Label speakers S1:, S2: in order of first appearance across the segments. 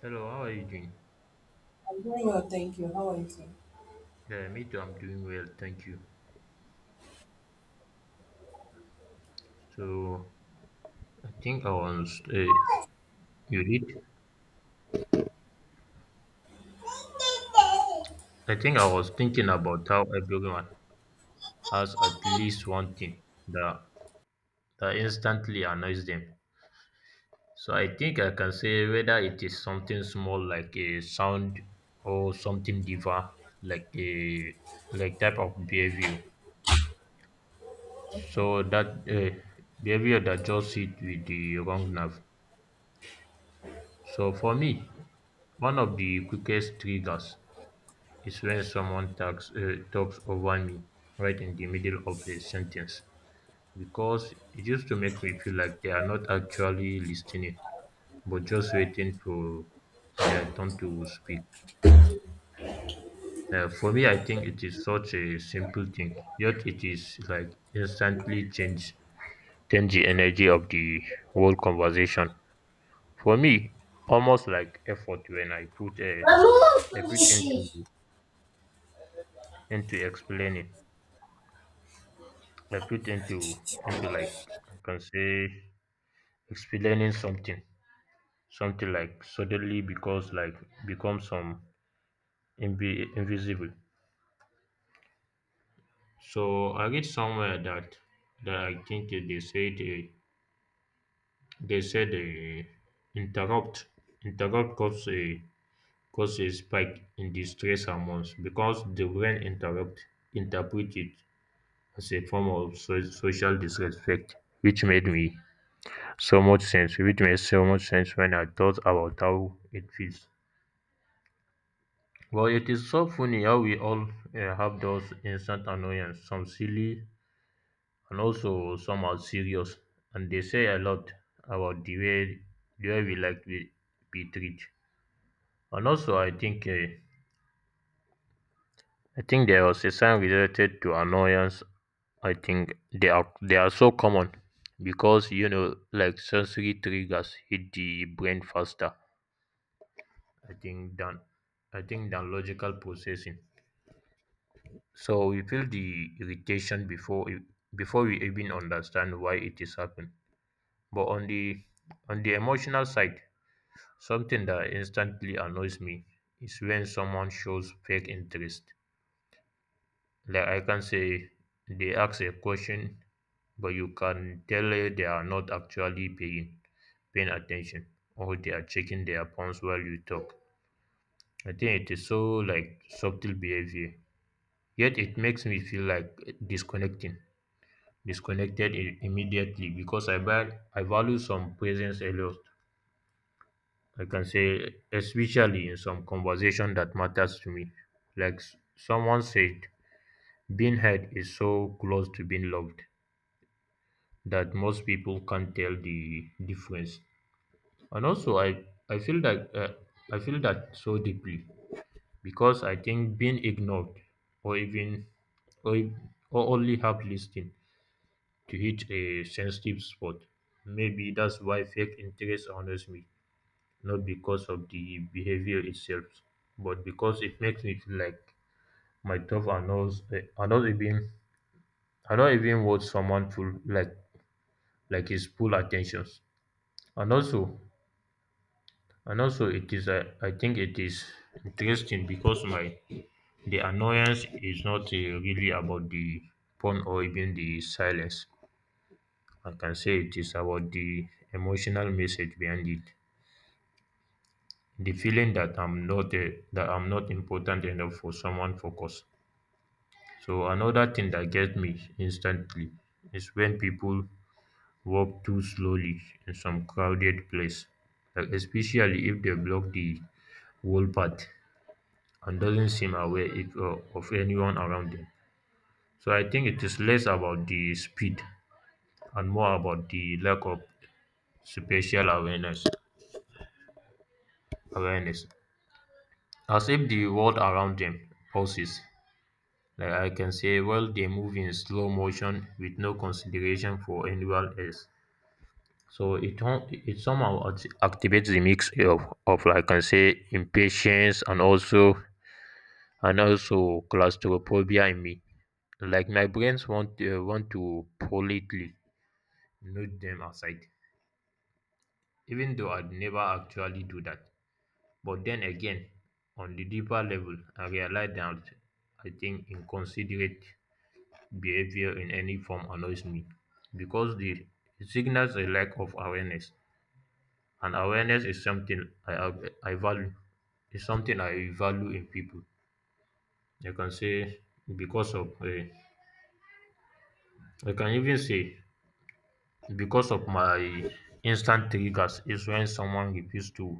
S1: Hello, how are you doing?
S2: Very well, thank you. How are you doing?
S1: Yeah, me too. I'm doing well, thank you. So, I think I was you did. I think I was thinking about how everyone has at least one thing that that instantly annoys them. So I think I can say whether it is something small like a sound or something deeper like a type of behavior.
S2: Okay.
S1: So that behavior that just hit with the wrong nerve. So for me, one of the quickest triggers is when someone talks over me right in the middle of a sentence because it used to make me feel like they are not actually listening but just waiting for their turn to speak. For me, I think it is such a simple thing, yet it is like instantly change the energy of the whole conversation. For me, almost like effort when I put a
S2: We're
S1: I put
S2: moving.
S1: into explaining I put into like I can say explaining something, something like suddenly because like become some invisible. So I read somewhere that I think they said interrupt interrupt cause a spike in the stress hormones because the brain interrupt interpret it as a form of social disrespect, which made me so much sense. It makes so much sense when I thought about how it feels. Well, it is so funny how we all have those instant annoyances, some silly and also some are serious, and they say a lot about the way we like to be treated. And also, I think there was a sign related to annoyance. I think they are so common because you know, like sensory triggers hit the brain faster I think than I think than logical processing. So we feel the irritation before we even understand why it is happening. But on the emotional side, something that instantly annoys me is when someone shows fake interest. Like I can say they ask a question, but you can tell they are not actually paying attention or they are checking their phones while you talk. I think it is so like subtle behavior, yet it makes me feel like disconnecting, immediately because I value some presence a lot. I can say, especially in some conversation that matters to me. Like someone said, being heard is so close to being loved that most people can't tell the difference. And also, I feel that uh, I feel that so deeply because I think being ignored or even or, or only half listening to hit a sensitive spot. Maybe that's why fake interest honors me, not because of the behavior itself, but because it makes me feel like my thoughts are not even are not even what someone full like his full attentions. And also it is I think it is interesting because my the annoyance is not really about the phone or even the silence. I can say it is about the emotional message behind it, the feeling that I'm not important enough for someone focus. So another thing that gets me instantly is when people walk too slowly in some crowded place, like especially if they block the whole path and doesn't seem aware if, of anyone around them. So I think it is less about the speed and more about the lack of spatial awareness. Awareness, as if the world around them pauses. Like I can say well, they move in slow motion with no consideration for anyone else. So it somehow activates the mix of like I can say impatience and also claustrophobia in me. Like my brains want to politely nudge them aside, even though I'd never actually do that. But then again, on the deeper level, I realize that I think inconsiderate behavior in any form annoys me because the it signals a lack of awareness, and awareness is something I value. It's something I value in people. I can say because of I can even say because of my instant triggers is when someone refuse to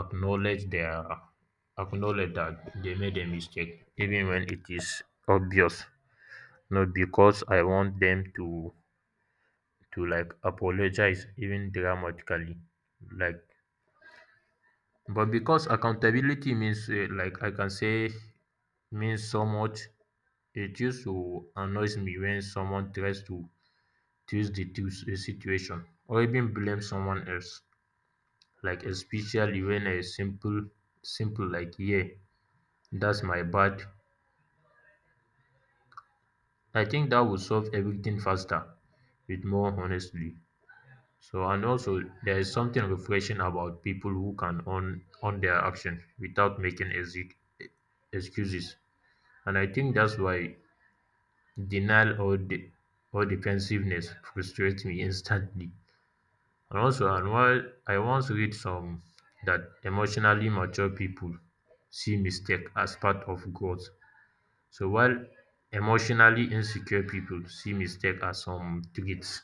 S1: acknowledge their acknowledge that they made a mistake even when it is obvious, not because I want them to like apologize even dramatically like, but because accountability means like I can say means so much. It used to annoys me when someone tries to twist the situation or even blame someone else, like especially when a simple like yeah, that's my bad, I think that would solve everything faster with more honestly. So, and also, there is something refreshing about people who can own their action without making excuses. And I think that's why denial or defensiveness frustrates me instantly. And also, and while I once read some that emotionally mature people see mistake as part of growth. So while emotionally insecure people see mistake as some threats.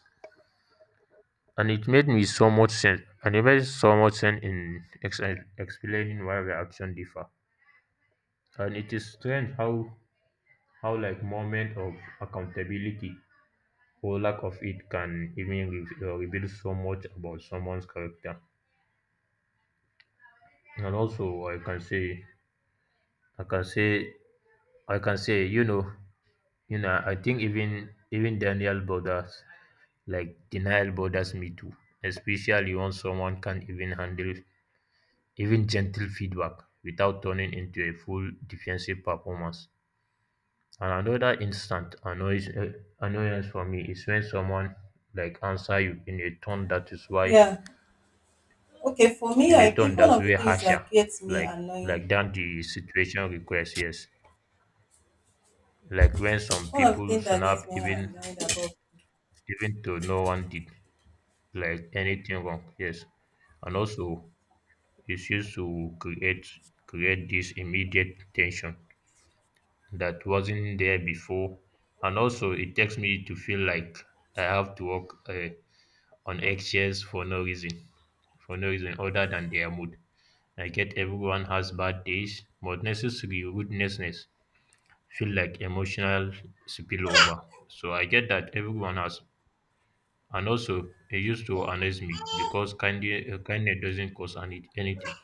S1: And it made me so much sense. And it made so much sense in explaining why reaction differ. And it is strange how like moment of accountability or lack of it can even reveal so much about someone's character. And also, I can say, I can say, I can say, you know, I think even Daniel borders, like denial bothers me too, especially when someone can't even handle even gentle feedback without turning into a full defensive performance. And another instant annoyance for me is when someone like answer you in a tone that is why
S2: Yeah. Okay. For me,
S1: in
S2: I
S1: a tone
S2: think
S1: that's way harsher, like like than the situation requires. Yes, like when some
S2: one of the
S1: people
S2: things that gets
S1: snap
S2: me
S1: even
S2: annoyed about,
S1: to no one did like anything wrong. Yes, and also it's used to create this immediate tension that wasn't there before. And also, it takes me to feel like I have to walk on eggshells for no reason, other than their mood. I get everyone has bad days, but necessary rudeness feel like emotional spillover. So I get that everyone has, and also it used to annoys me because kindness doesn't cost anything.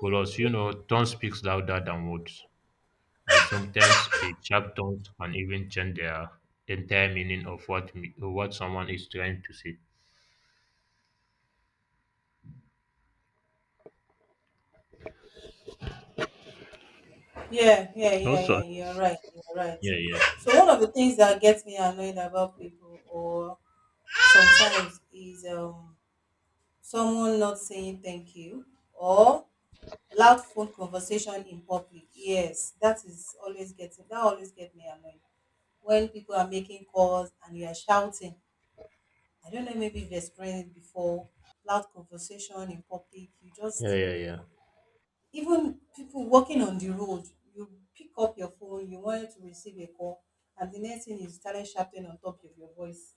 S1: Plus, you know, tone speaks louder than words, and sometimes a sharp tone can even change their entire meaning of what someone is trying to say.
S2: yeah, yeah,
S1: Also,
S2: yeah, yeah. You're right. You're right.
S1: yeah, yeah,
S2: So one of the things that gets me annoyed about people, or sometimes, is someone not saying thank you, or loud phone conversation in public. Yes, that is always get me annoyed. When people are making calls and you are shouting. I don't know, maybe you've experienced it before, loud conversation in public. You
S1: yeah,
S2: just,
S1: yeah, yeah,
S2: even people walking on the road, you pick up your phone, you wanted to receive a call, and the next thing is you started shouting on top of your voice.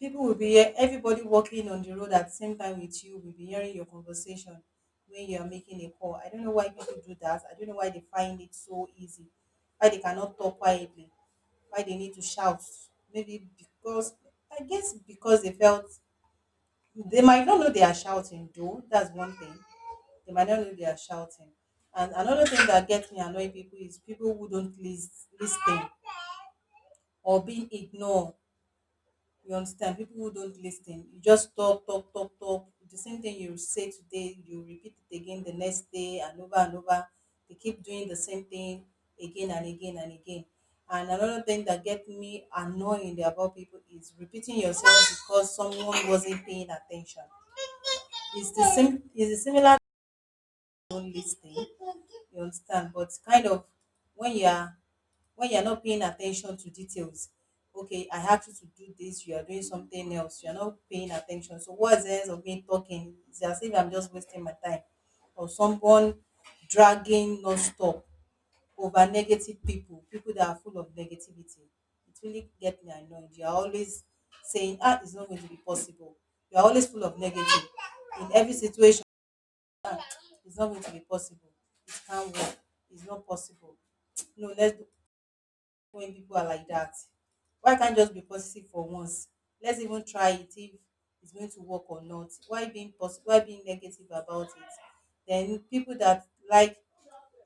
S2: People will be here, everybody walking on the road at the same time with you will be hearing your conversation when you are making a call. I don't know why people do that. I don't know why they find it so easy. Why they cannot talk quietly. Why they need to shout. Maybe because, I guess because they felt, they might not know they are shouting though. That's one thing. They might not know they are shouting. And another thing that gets me annoying people is people who don't lis- listen, or being ignored, you understand? People who don't listen, you just talk, talk, talk, talk. The same thing you say today, you repeat it again the next day and over and over. They keep doing the same thing again and again and again. And another thing that gets me annoying about people is repeating yourself because someone wasn't paying attention. It's the same. It's a similar to don't listening. You understand? But kind of when you are when you're not paying attention to details. Okay, I have you to do this, you are doing something else, you're not paying attention, so what's the sense of me talking? It's as if I'm just wasting my time. Or someone dragging non-stop, over negative people, people that are full of negativity. It really get me annoyed. You're always saying, ah, it's not going to be possible. You're always full of negative in every situation. It's not going to be possible. It can't work. It's not possible. No, let's do, when people are like that. Why can't just be positive for once? Let's even try it if it's going to work or not. Why being positive? Why being negative about it? Then people that like,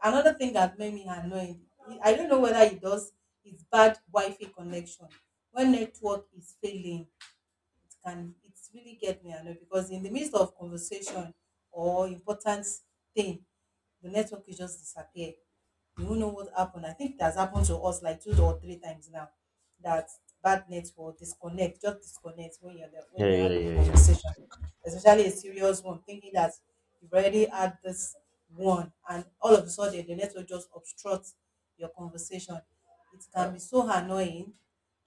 S2: another thing that made me annoyed. I don't know whether it does. It's bad Wi-Fi connection, when network is failing, it can, it really get me annoyed because in the midst of conversation or important thing, the network will just disappear. You won't know what happened. I think it has happened to us like two or three times now, that bad network disconnect, just disconnect when you're there, when
S1: yeah,
S2: you're
S1: yeah,
S2: having a
S1: yeah, yeah.
S2: conversation, especially a serious one, thinking that you've already had this one, and all of a sudden the network just obstructs your conversation. It can be so annoying,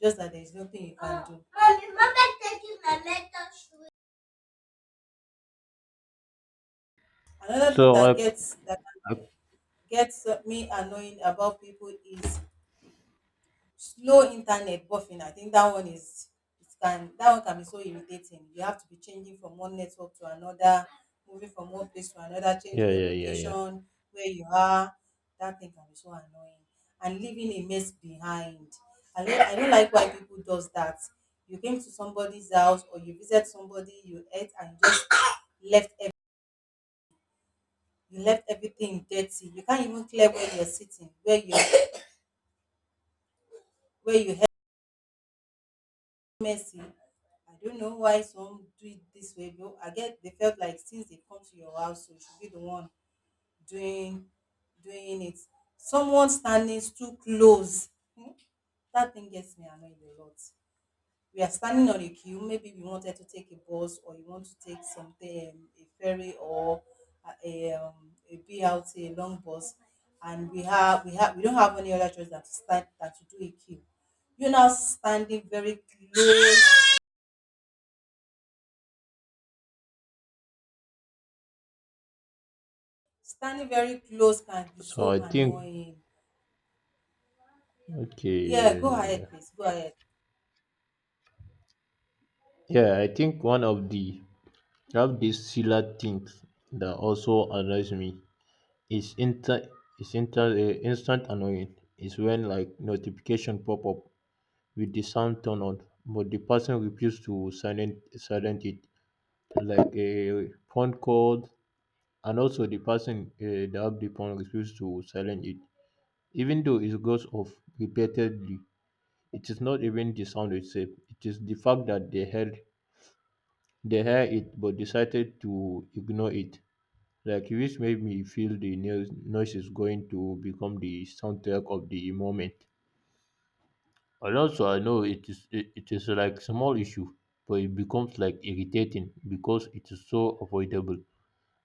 S2: just that there's nothing you can, oh, do. Mommy, remember taking my mental sweet. Another thing
S1: So
S2: that gets that
S1: I
S2: gets me annoying about people is slow internet buffering. I think that one is, it can, that one can be so irritating. You have to be changing from one network to another, moving from one place to another,
S1: yeah,
S2: changing your
S1: yeah, yeah, yeah.
S2: location, where you are. That thing can be so annoying. And leaving a mess behind. I don't like why people does that. You came to somebody's house or you visit somebody, you ate and you just, You left ev- you left everything dirty. You can't even clear where you're sitting, where you, where you have mercy. I don't know why some do it this way, though. I get they felt like since they come to your house, you should be the one doing doing it. Someone standing too close. Hmm, that thing gets me annoyed a lot. We are standing on a queue, maybe we wanted to take a bus, or you want to take something, a ferry, or a BRT, a long bus, and we don't have any other choice than to stand, than to do a queue. You now standing very close, standing very close can be
S1: So
S2: so
S1: I think
S2: annoying.
S1: okay,
S2: Yeah,
S1: yeah,
S2: go
S1: yeah, yeah,
S2: ahead, please go ahead.
S1: yeah. I think one of the of these similar things that also annoys me is inter is inter instant annoying is when like notification pop up with the sound turned on, but the person refused to silent it, like a phone call, and also the person that the phone refused to silent it, even though it goes off repeatedly. It is not even the sound itself; it is the fact that they hear it but decided to ignore it. Like which made me feel the noise is going to become the soundtrack of the moment. And also I know it is it is like small issue, but it becomes like irritating because it is so avoidable,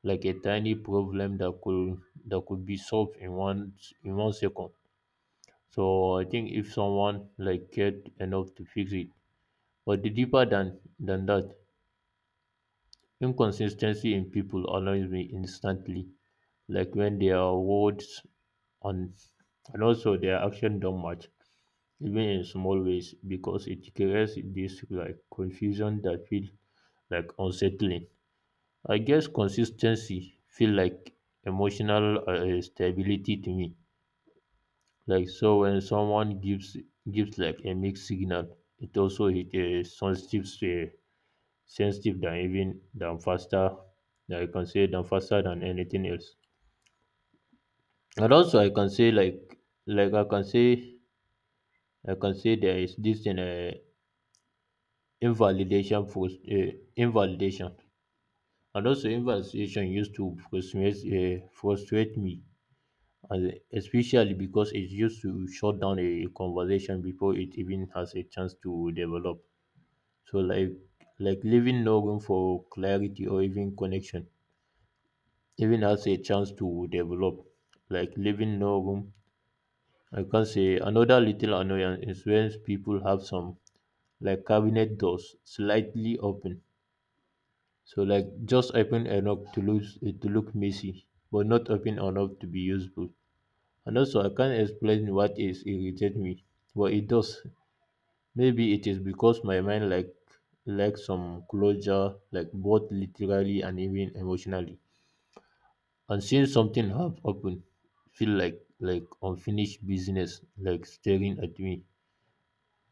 S1: like a tiny problem that could be solved in 1 second. So I think if someone like cared enough to fix it, but the deeper than that, inconsistency in people annoys me instantly, like when their words and and also their action don't match, even in small ways because it creates this like confusion that feel like unsettling. I guess consistency feel like emotional stability to me. Like so when someone gives like a mixed signal, it also hit a sensitive than even than faster, I can say than faster than anything else. And also I can say like I can say there is this in a invalidation, and also invalidation used to frustrate me, and especially because it used to shut down a conversation before it even has a chance to develop. So like leaving no room for clarity or even connection even has a chance to develop. Like leaving no room I can say another little annoyance is when people have some like cabinet doors slightly open, so like just open enough to look messy, but not open enough to be useful. And also I can't explain what is irritate me, but it does. Maybe it is because my mind like lacks some closure, like both literally and even emotionally. And seeing something half open feel like unfinished business, like staring at me.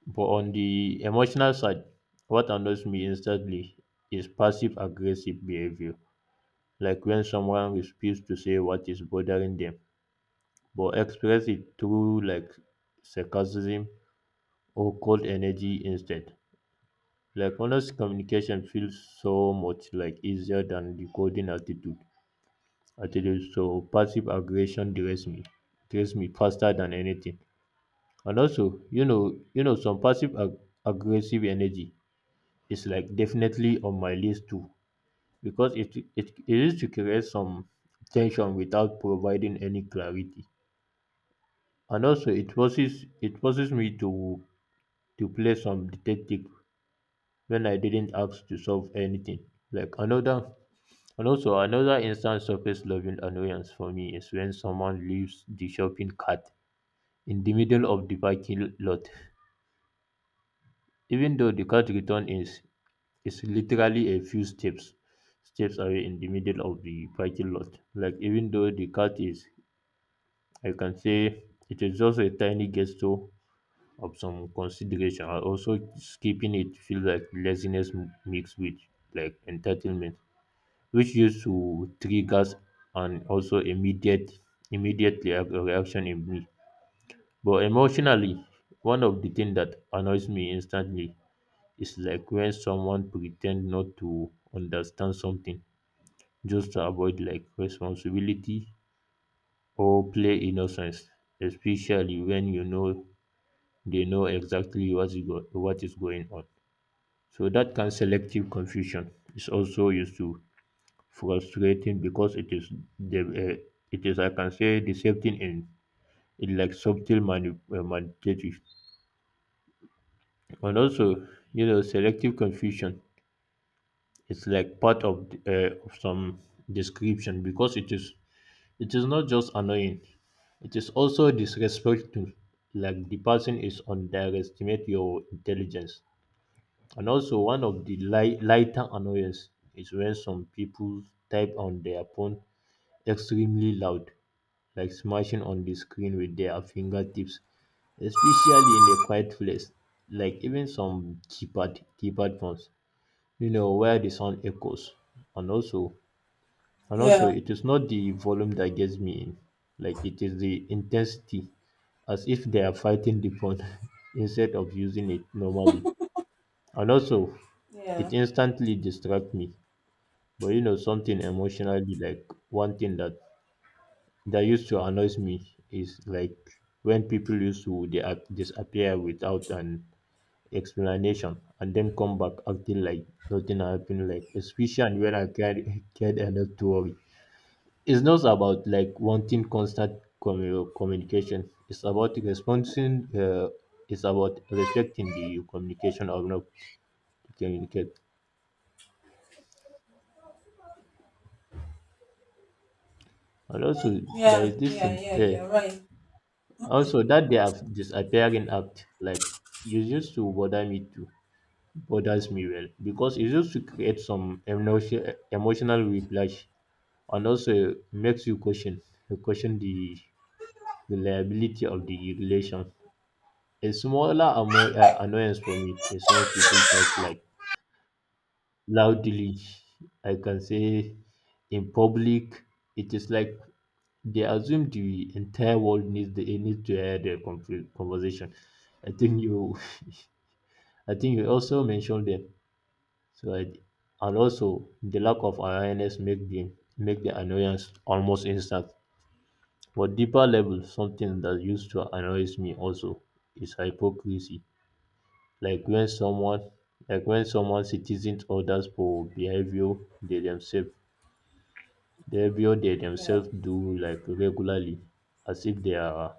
S1: But on the emotional side, what annoys me instantly is passive aggressive behavior, like when someone refuses to say what is bothering them but express it through sarcasm or cold energy instead. Like honest communication feels so much like easier than the coding attitude. Attitude so passive aggression drains me faster than anything. And also, some aggressive energy is like definitely on my list too, because it is to create some tension without providing any clarity. And also it forces me to play some detective when I didn't ask to solve anything. Like another and also another instant surface loving annoyance for me is when someone leaves the shopping cart in the middle of the parking lot. Even though the cart return is literally a few steps away in the middle of the parking lot. Like even though the cart is, I can say, it is just a tiny gesture of some consideration, and also skipping it feel like laziness mixed with like entitlement, which used to triggers and also reaction in me. But emotionally, one of the things that annoys me instantly is like when someone pretend not to understand something just to avoid like responsibility or play innocence, especially when you know they know exactly what is going on. So that can selective confusion is also used to frustrating because it is the it is, I can say, deceptive in it, like subtle manipulative. And also, you know, selective confusion is like part of some description because it is not just annoying. It is also disrespectful, like the person is underestimate your intelligence. And also, one of the lighter annoyance is when some people type on their phone extremely loud, like smashing on the screen with their fingertips, especially in a quiet place, like even some keypad phones, you know, where the sound echoes. And also, and also,
S2: Yeah.
S1: it is not the volume that gets me in, like it is the intensity, as if they are fighting the phone instead of using it normally. And also,
S2: Yeah.
S1: it instantly distracts me. But you know, something emotionally, like one thing that used to annoys me is like when people used to they disappear without an explanation and then come back acting like nothing happened, like especially when I carry cared enough to worry. It's not about like wanting constant communication. It's about responding. It's about respecting the communication of not communicate. And also, there
S2: Yeah.
S1: is this
S2: Yeah.
S1: thing.
S2: Yeah. You're right.
S1: Also, that they have disappearing act, like it used to bothers me well because it used to create some emotional whiplash and also makes you question the reliability of the relation. A smaller annoyance for me is when people talk like loudly. I can say in public, it is like they assume the entire world needs to hear their conversation. I think you, I think you also mentioned them. So I, and also the lack of awareness make the annoyance almost instant. But deeper level, something that used to annoys me also is hypocrisy. Like when someone, like when someone citizens orders for behavior they themselves behavior they
S2: Yeah.
S1: themselves do like regularly, as if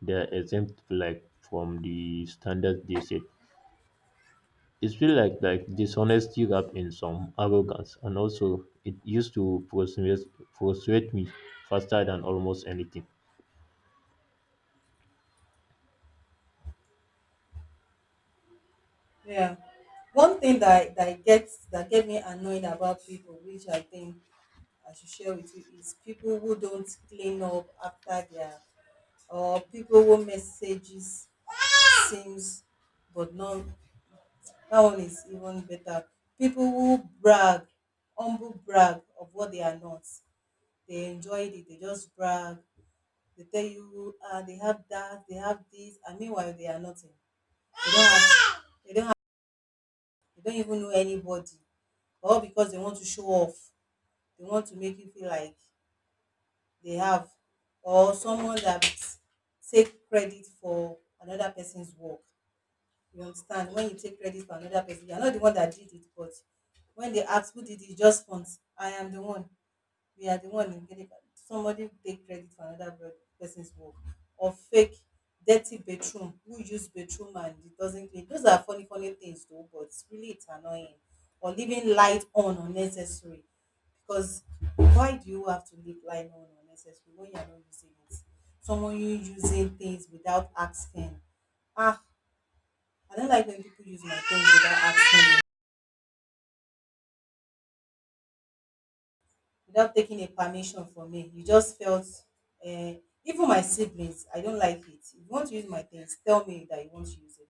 S1: they are exempt like from the standards they set. It feels like dishonesty wrapped in some arrogance, and also it used to frustrate me faster than almost anything.
S2: Yeah. One thing that get me annoyed about people, which I think I should share with you, is people who don't clean up after their, or people who messages seems but not, that one is even better. People who brag, humble brag of what they are not. They enjoyed it, they just brag, they tell you, ah, they have that, they have this, and meanwhile they are nothing. They don't have they don't have they don't even know anybody, or because they want to show off. They want to make you feel like they have, or someone that take credit for another person's work. You understand? When you take credit for another person, you're not the one that did it, but when they ask who did it, just once, I am the one, we are the one, in getting somebody take credit for another person's work. Or fake dirty bedroom, who use bedroom and it doesn't clean. Those are funny funny things though, but really it's annoying. Or leaving light on unnecessary, because why do you have to leave light on unnecessary when you're not using it? Someone you using things without asking, ah, I don't like when people use my things without asking me, without taking a permission from me. You just felt, uh, even my siblings, I don't like it. If you want to use my things, tell me that you want to use it.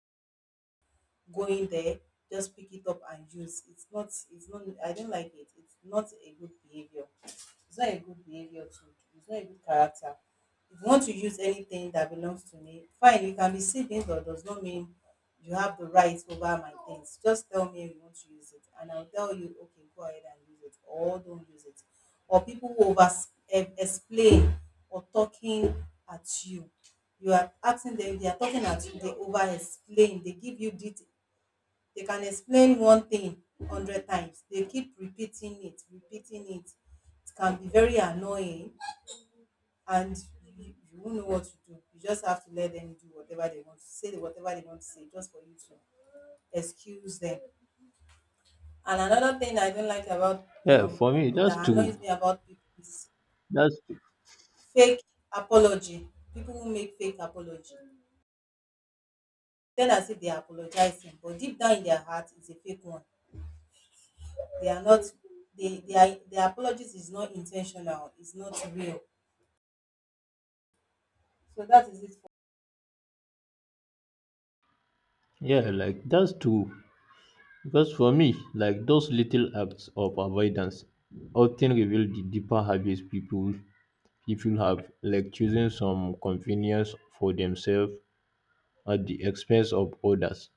S2: Go in there, just pick it up and use. It's not, I don't like it. It's not a good behavior. It's not a good behavior to do. It's not a good character. If you want to use anything that belongs to me, fine, you can be saving, but does not mean you have the right over my things. Just tell me you want to use it, and I'll tell you, okay, go ahead and use it, or don't use it. Or people who over, explain, or talking at you. You are asking them, they are talking at you, they over explain, they give you details, they can explain one thing 100 times. They keep repeating it, repeating it. It can be very annoying, and you won't know what to do. You just have to let them do whatever they want to say, whatever they want to say, just for you to excuse them. And another thing I don't like about
S1: Yeah, for me
S2: people
S1: that's
S2: that
S1: true.
S2: annoys me about people is
S1: That's
S2: fake apology. People who make fake apology. Tell us if they are apologizing, but deep down in their heart, it's a fake one. They are not they they are their apologies is not intentional, it's not real. So that is it for.
S1: yeah, like that's true. Because for me, like those little acts of avoidance often reveal the deeper habits people have, like choosing some convenience for themselves at the expense of others.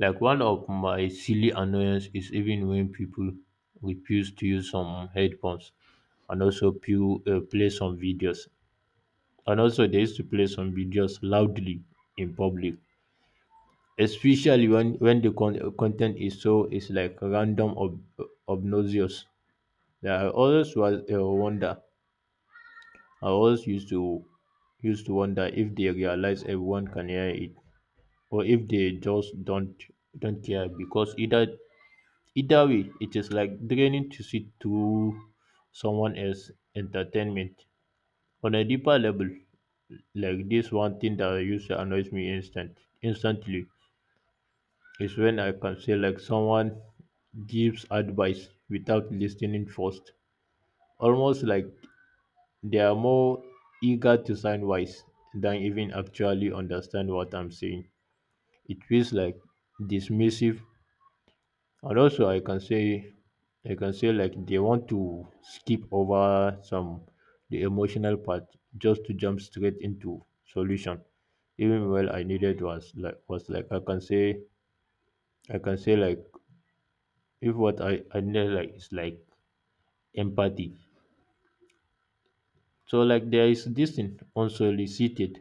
S1: Like one of my silly annoyance is even when people refuse to use some headphones and also play some videos. And also they used to play some videos loudly in public, especially when the content is so is like random obnoxious. Yeah, I always used to wonder if they realize everyone can hear it, or if they just don't care, because either way it is like draining to sit through someone else's entertainment. On a deeper level, like this one thing that used to annoys me instantly is when, I can say, like someone gives advice without listening first. Almost like they are more eager to sound wise than even actually understand what I'm saying. It feels like dismissive, and also, I can say, they want to skip over some the emotional part just to jump straight into solution. Even well I needed was like I can say, I can say like if what I need like is like empathy. So like there is this thing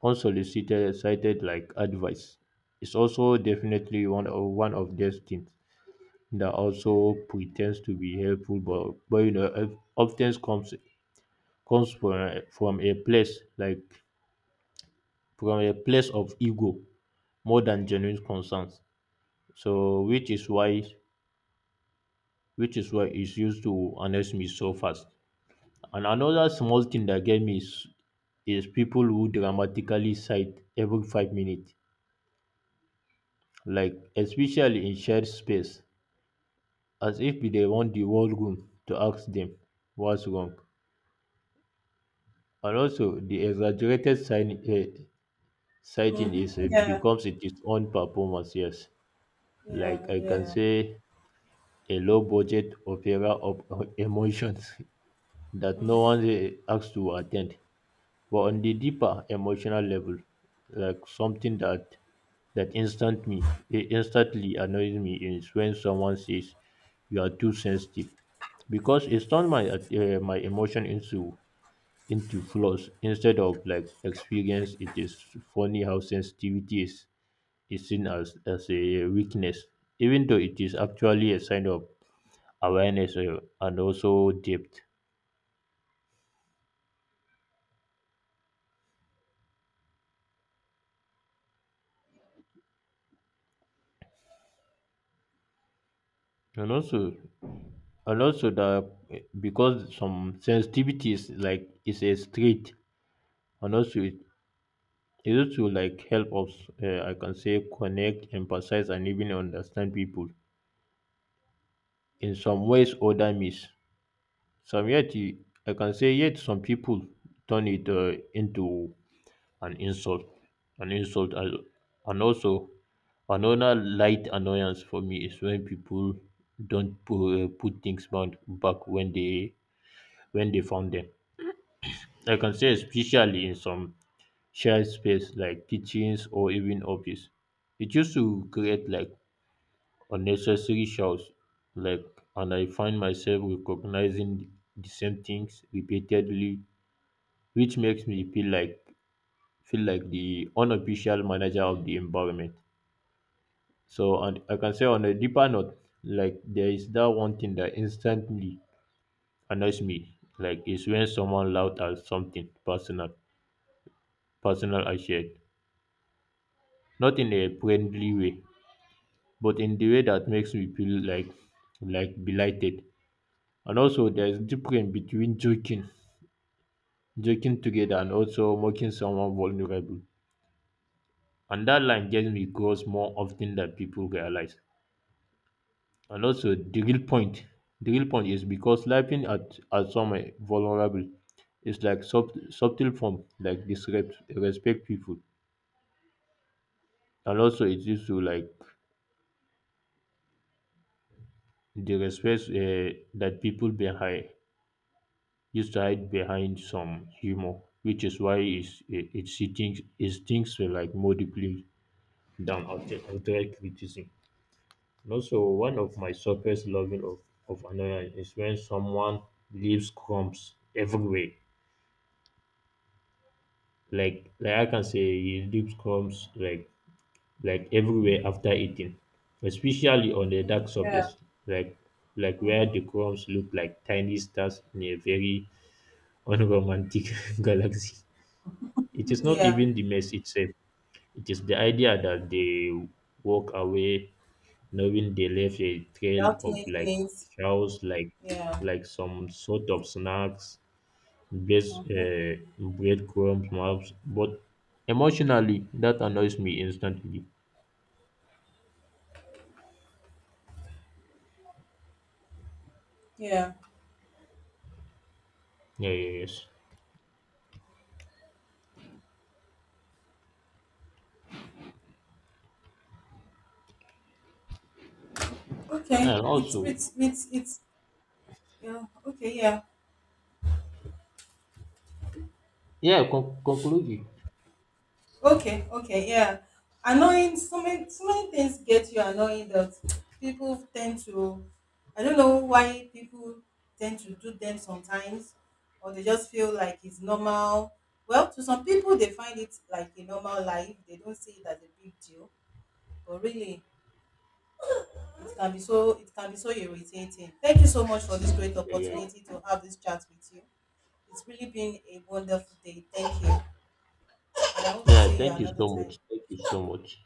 S1: unsolicited cited like advice is also definitely one of those things that also pretends to be helpful, but you know often comes from a place like from a place of ego more than genuine concerns, so which is why it's used to honest me so fast. And another small thing that get me is people who dramatically cite every 5 minutes, like especially in shared space, as if we want the whole room to ask them what's wrong. And also, the exaggerated sighting
S2: Hmm.
S1: is
S2: Yeah,
S1: becomes its own performance. Yes,
S2: yeah,
S1: like I can
S2: yeah.
S1: say, a low budget opera of emotions that no
S2: Hmm.
S1: one asks to attend. But on the deeper emotional level, like something that instantly annoys me is when someone says you are too sensitive, because it's turned my emotion into flaws instead of like experience. It is funny how sensitivity is seen as a weakness, even though it is actually a sign of awareness and also depth. And also, And also the Because some sensitivities like is a street, and also it also like help us, I can say, connect, emphasize, and even understand people in some ways other miss. Some yet you- I can say yet some people turn it into an an insult, and also another light annoyance for me is when people don't put things bound back when they found them. I can say, especially in some shared space like kitchens or even office, it used to create like unnecessary shouts. Like, and I find myself recognizing the same things repeatedly, which makes me feel like the unofficial manager of the environment. So, and I can say on a deeper note, like there is that one thing that instantly annoys me, like is when someone loud at something personal I shared, not in a friendly way, but in the way that makes me feel like belighted. And also, there's difference between joking together, and also making someone vulnerable. And that line gets me crossed more often than people realize. And also, the real point is because laughing at someone vulnerable is like subtle form, like disrespect respect people, and also it leads to like the respect that people behind used to hide behind some humor, which is why it's, it, she thinks, it thinks like more deeply than outright criticism. And also, one of my surface loving of annoyance is when someone leaves crumbs everywhere. I can say, he leaves crumbs like everywhere after eating, especially on the dark
S2: Yeah,
S1: surface, like like where the crumbs look like tiny stars in a very unromantic galaxy. It is not
S2: yeah.
S1: even the mess itself, it is the idea that they walk away knowing they left a trail
S2: Without
S1: of
S2: claiming
S1: like
S2: it.
S1: cows, like
S2: Yeah.
S1: like some sort of snacks,
S2: Hmm.
S1: breadcrumbs, maps. But emotionally, that annoys me instantly.
S2: Yeah.
S1: Yeah, yeah, yes.
S2: Okay.
S1: And also,
S2: It's yeah, okay, yeah.
S1: yeah, conclude it.
S2: Okay, okay, yeah. Annoying, so many, so many things get you annoying that people tend to, I don't know why people tend to do them sometimes, or they just feel like it's normal. Well, to some people, they find it like a normal life. They don't see it as a big deal, but really, it can be so irritating. Thank you so much for this great
S1: Yeah, yeah, yeah.
S2: opportunity to have this chat with you. It's really been a wonderful day. Thank you, and I hope to
S1: Yeah,
S2: see you
S1: thank you
S2: another
S1: so
S2: time.
S1: much. Thank you so much.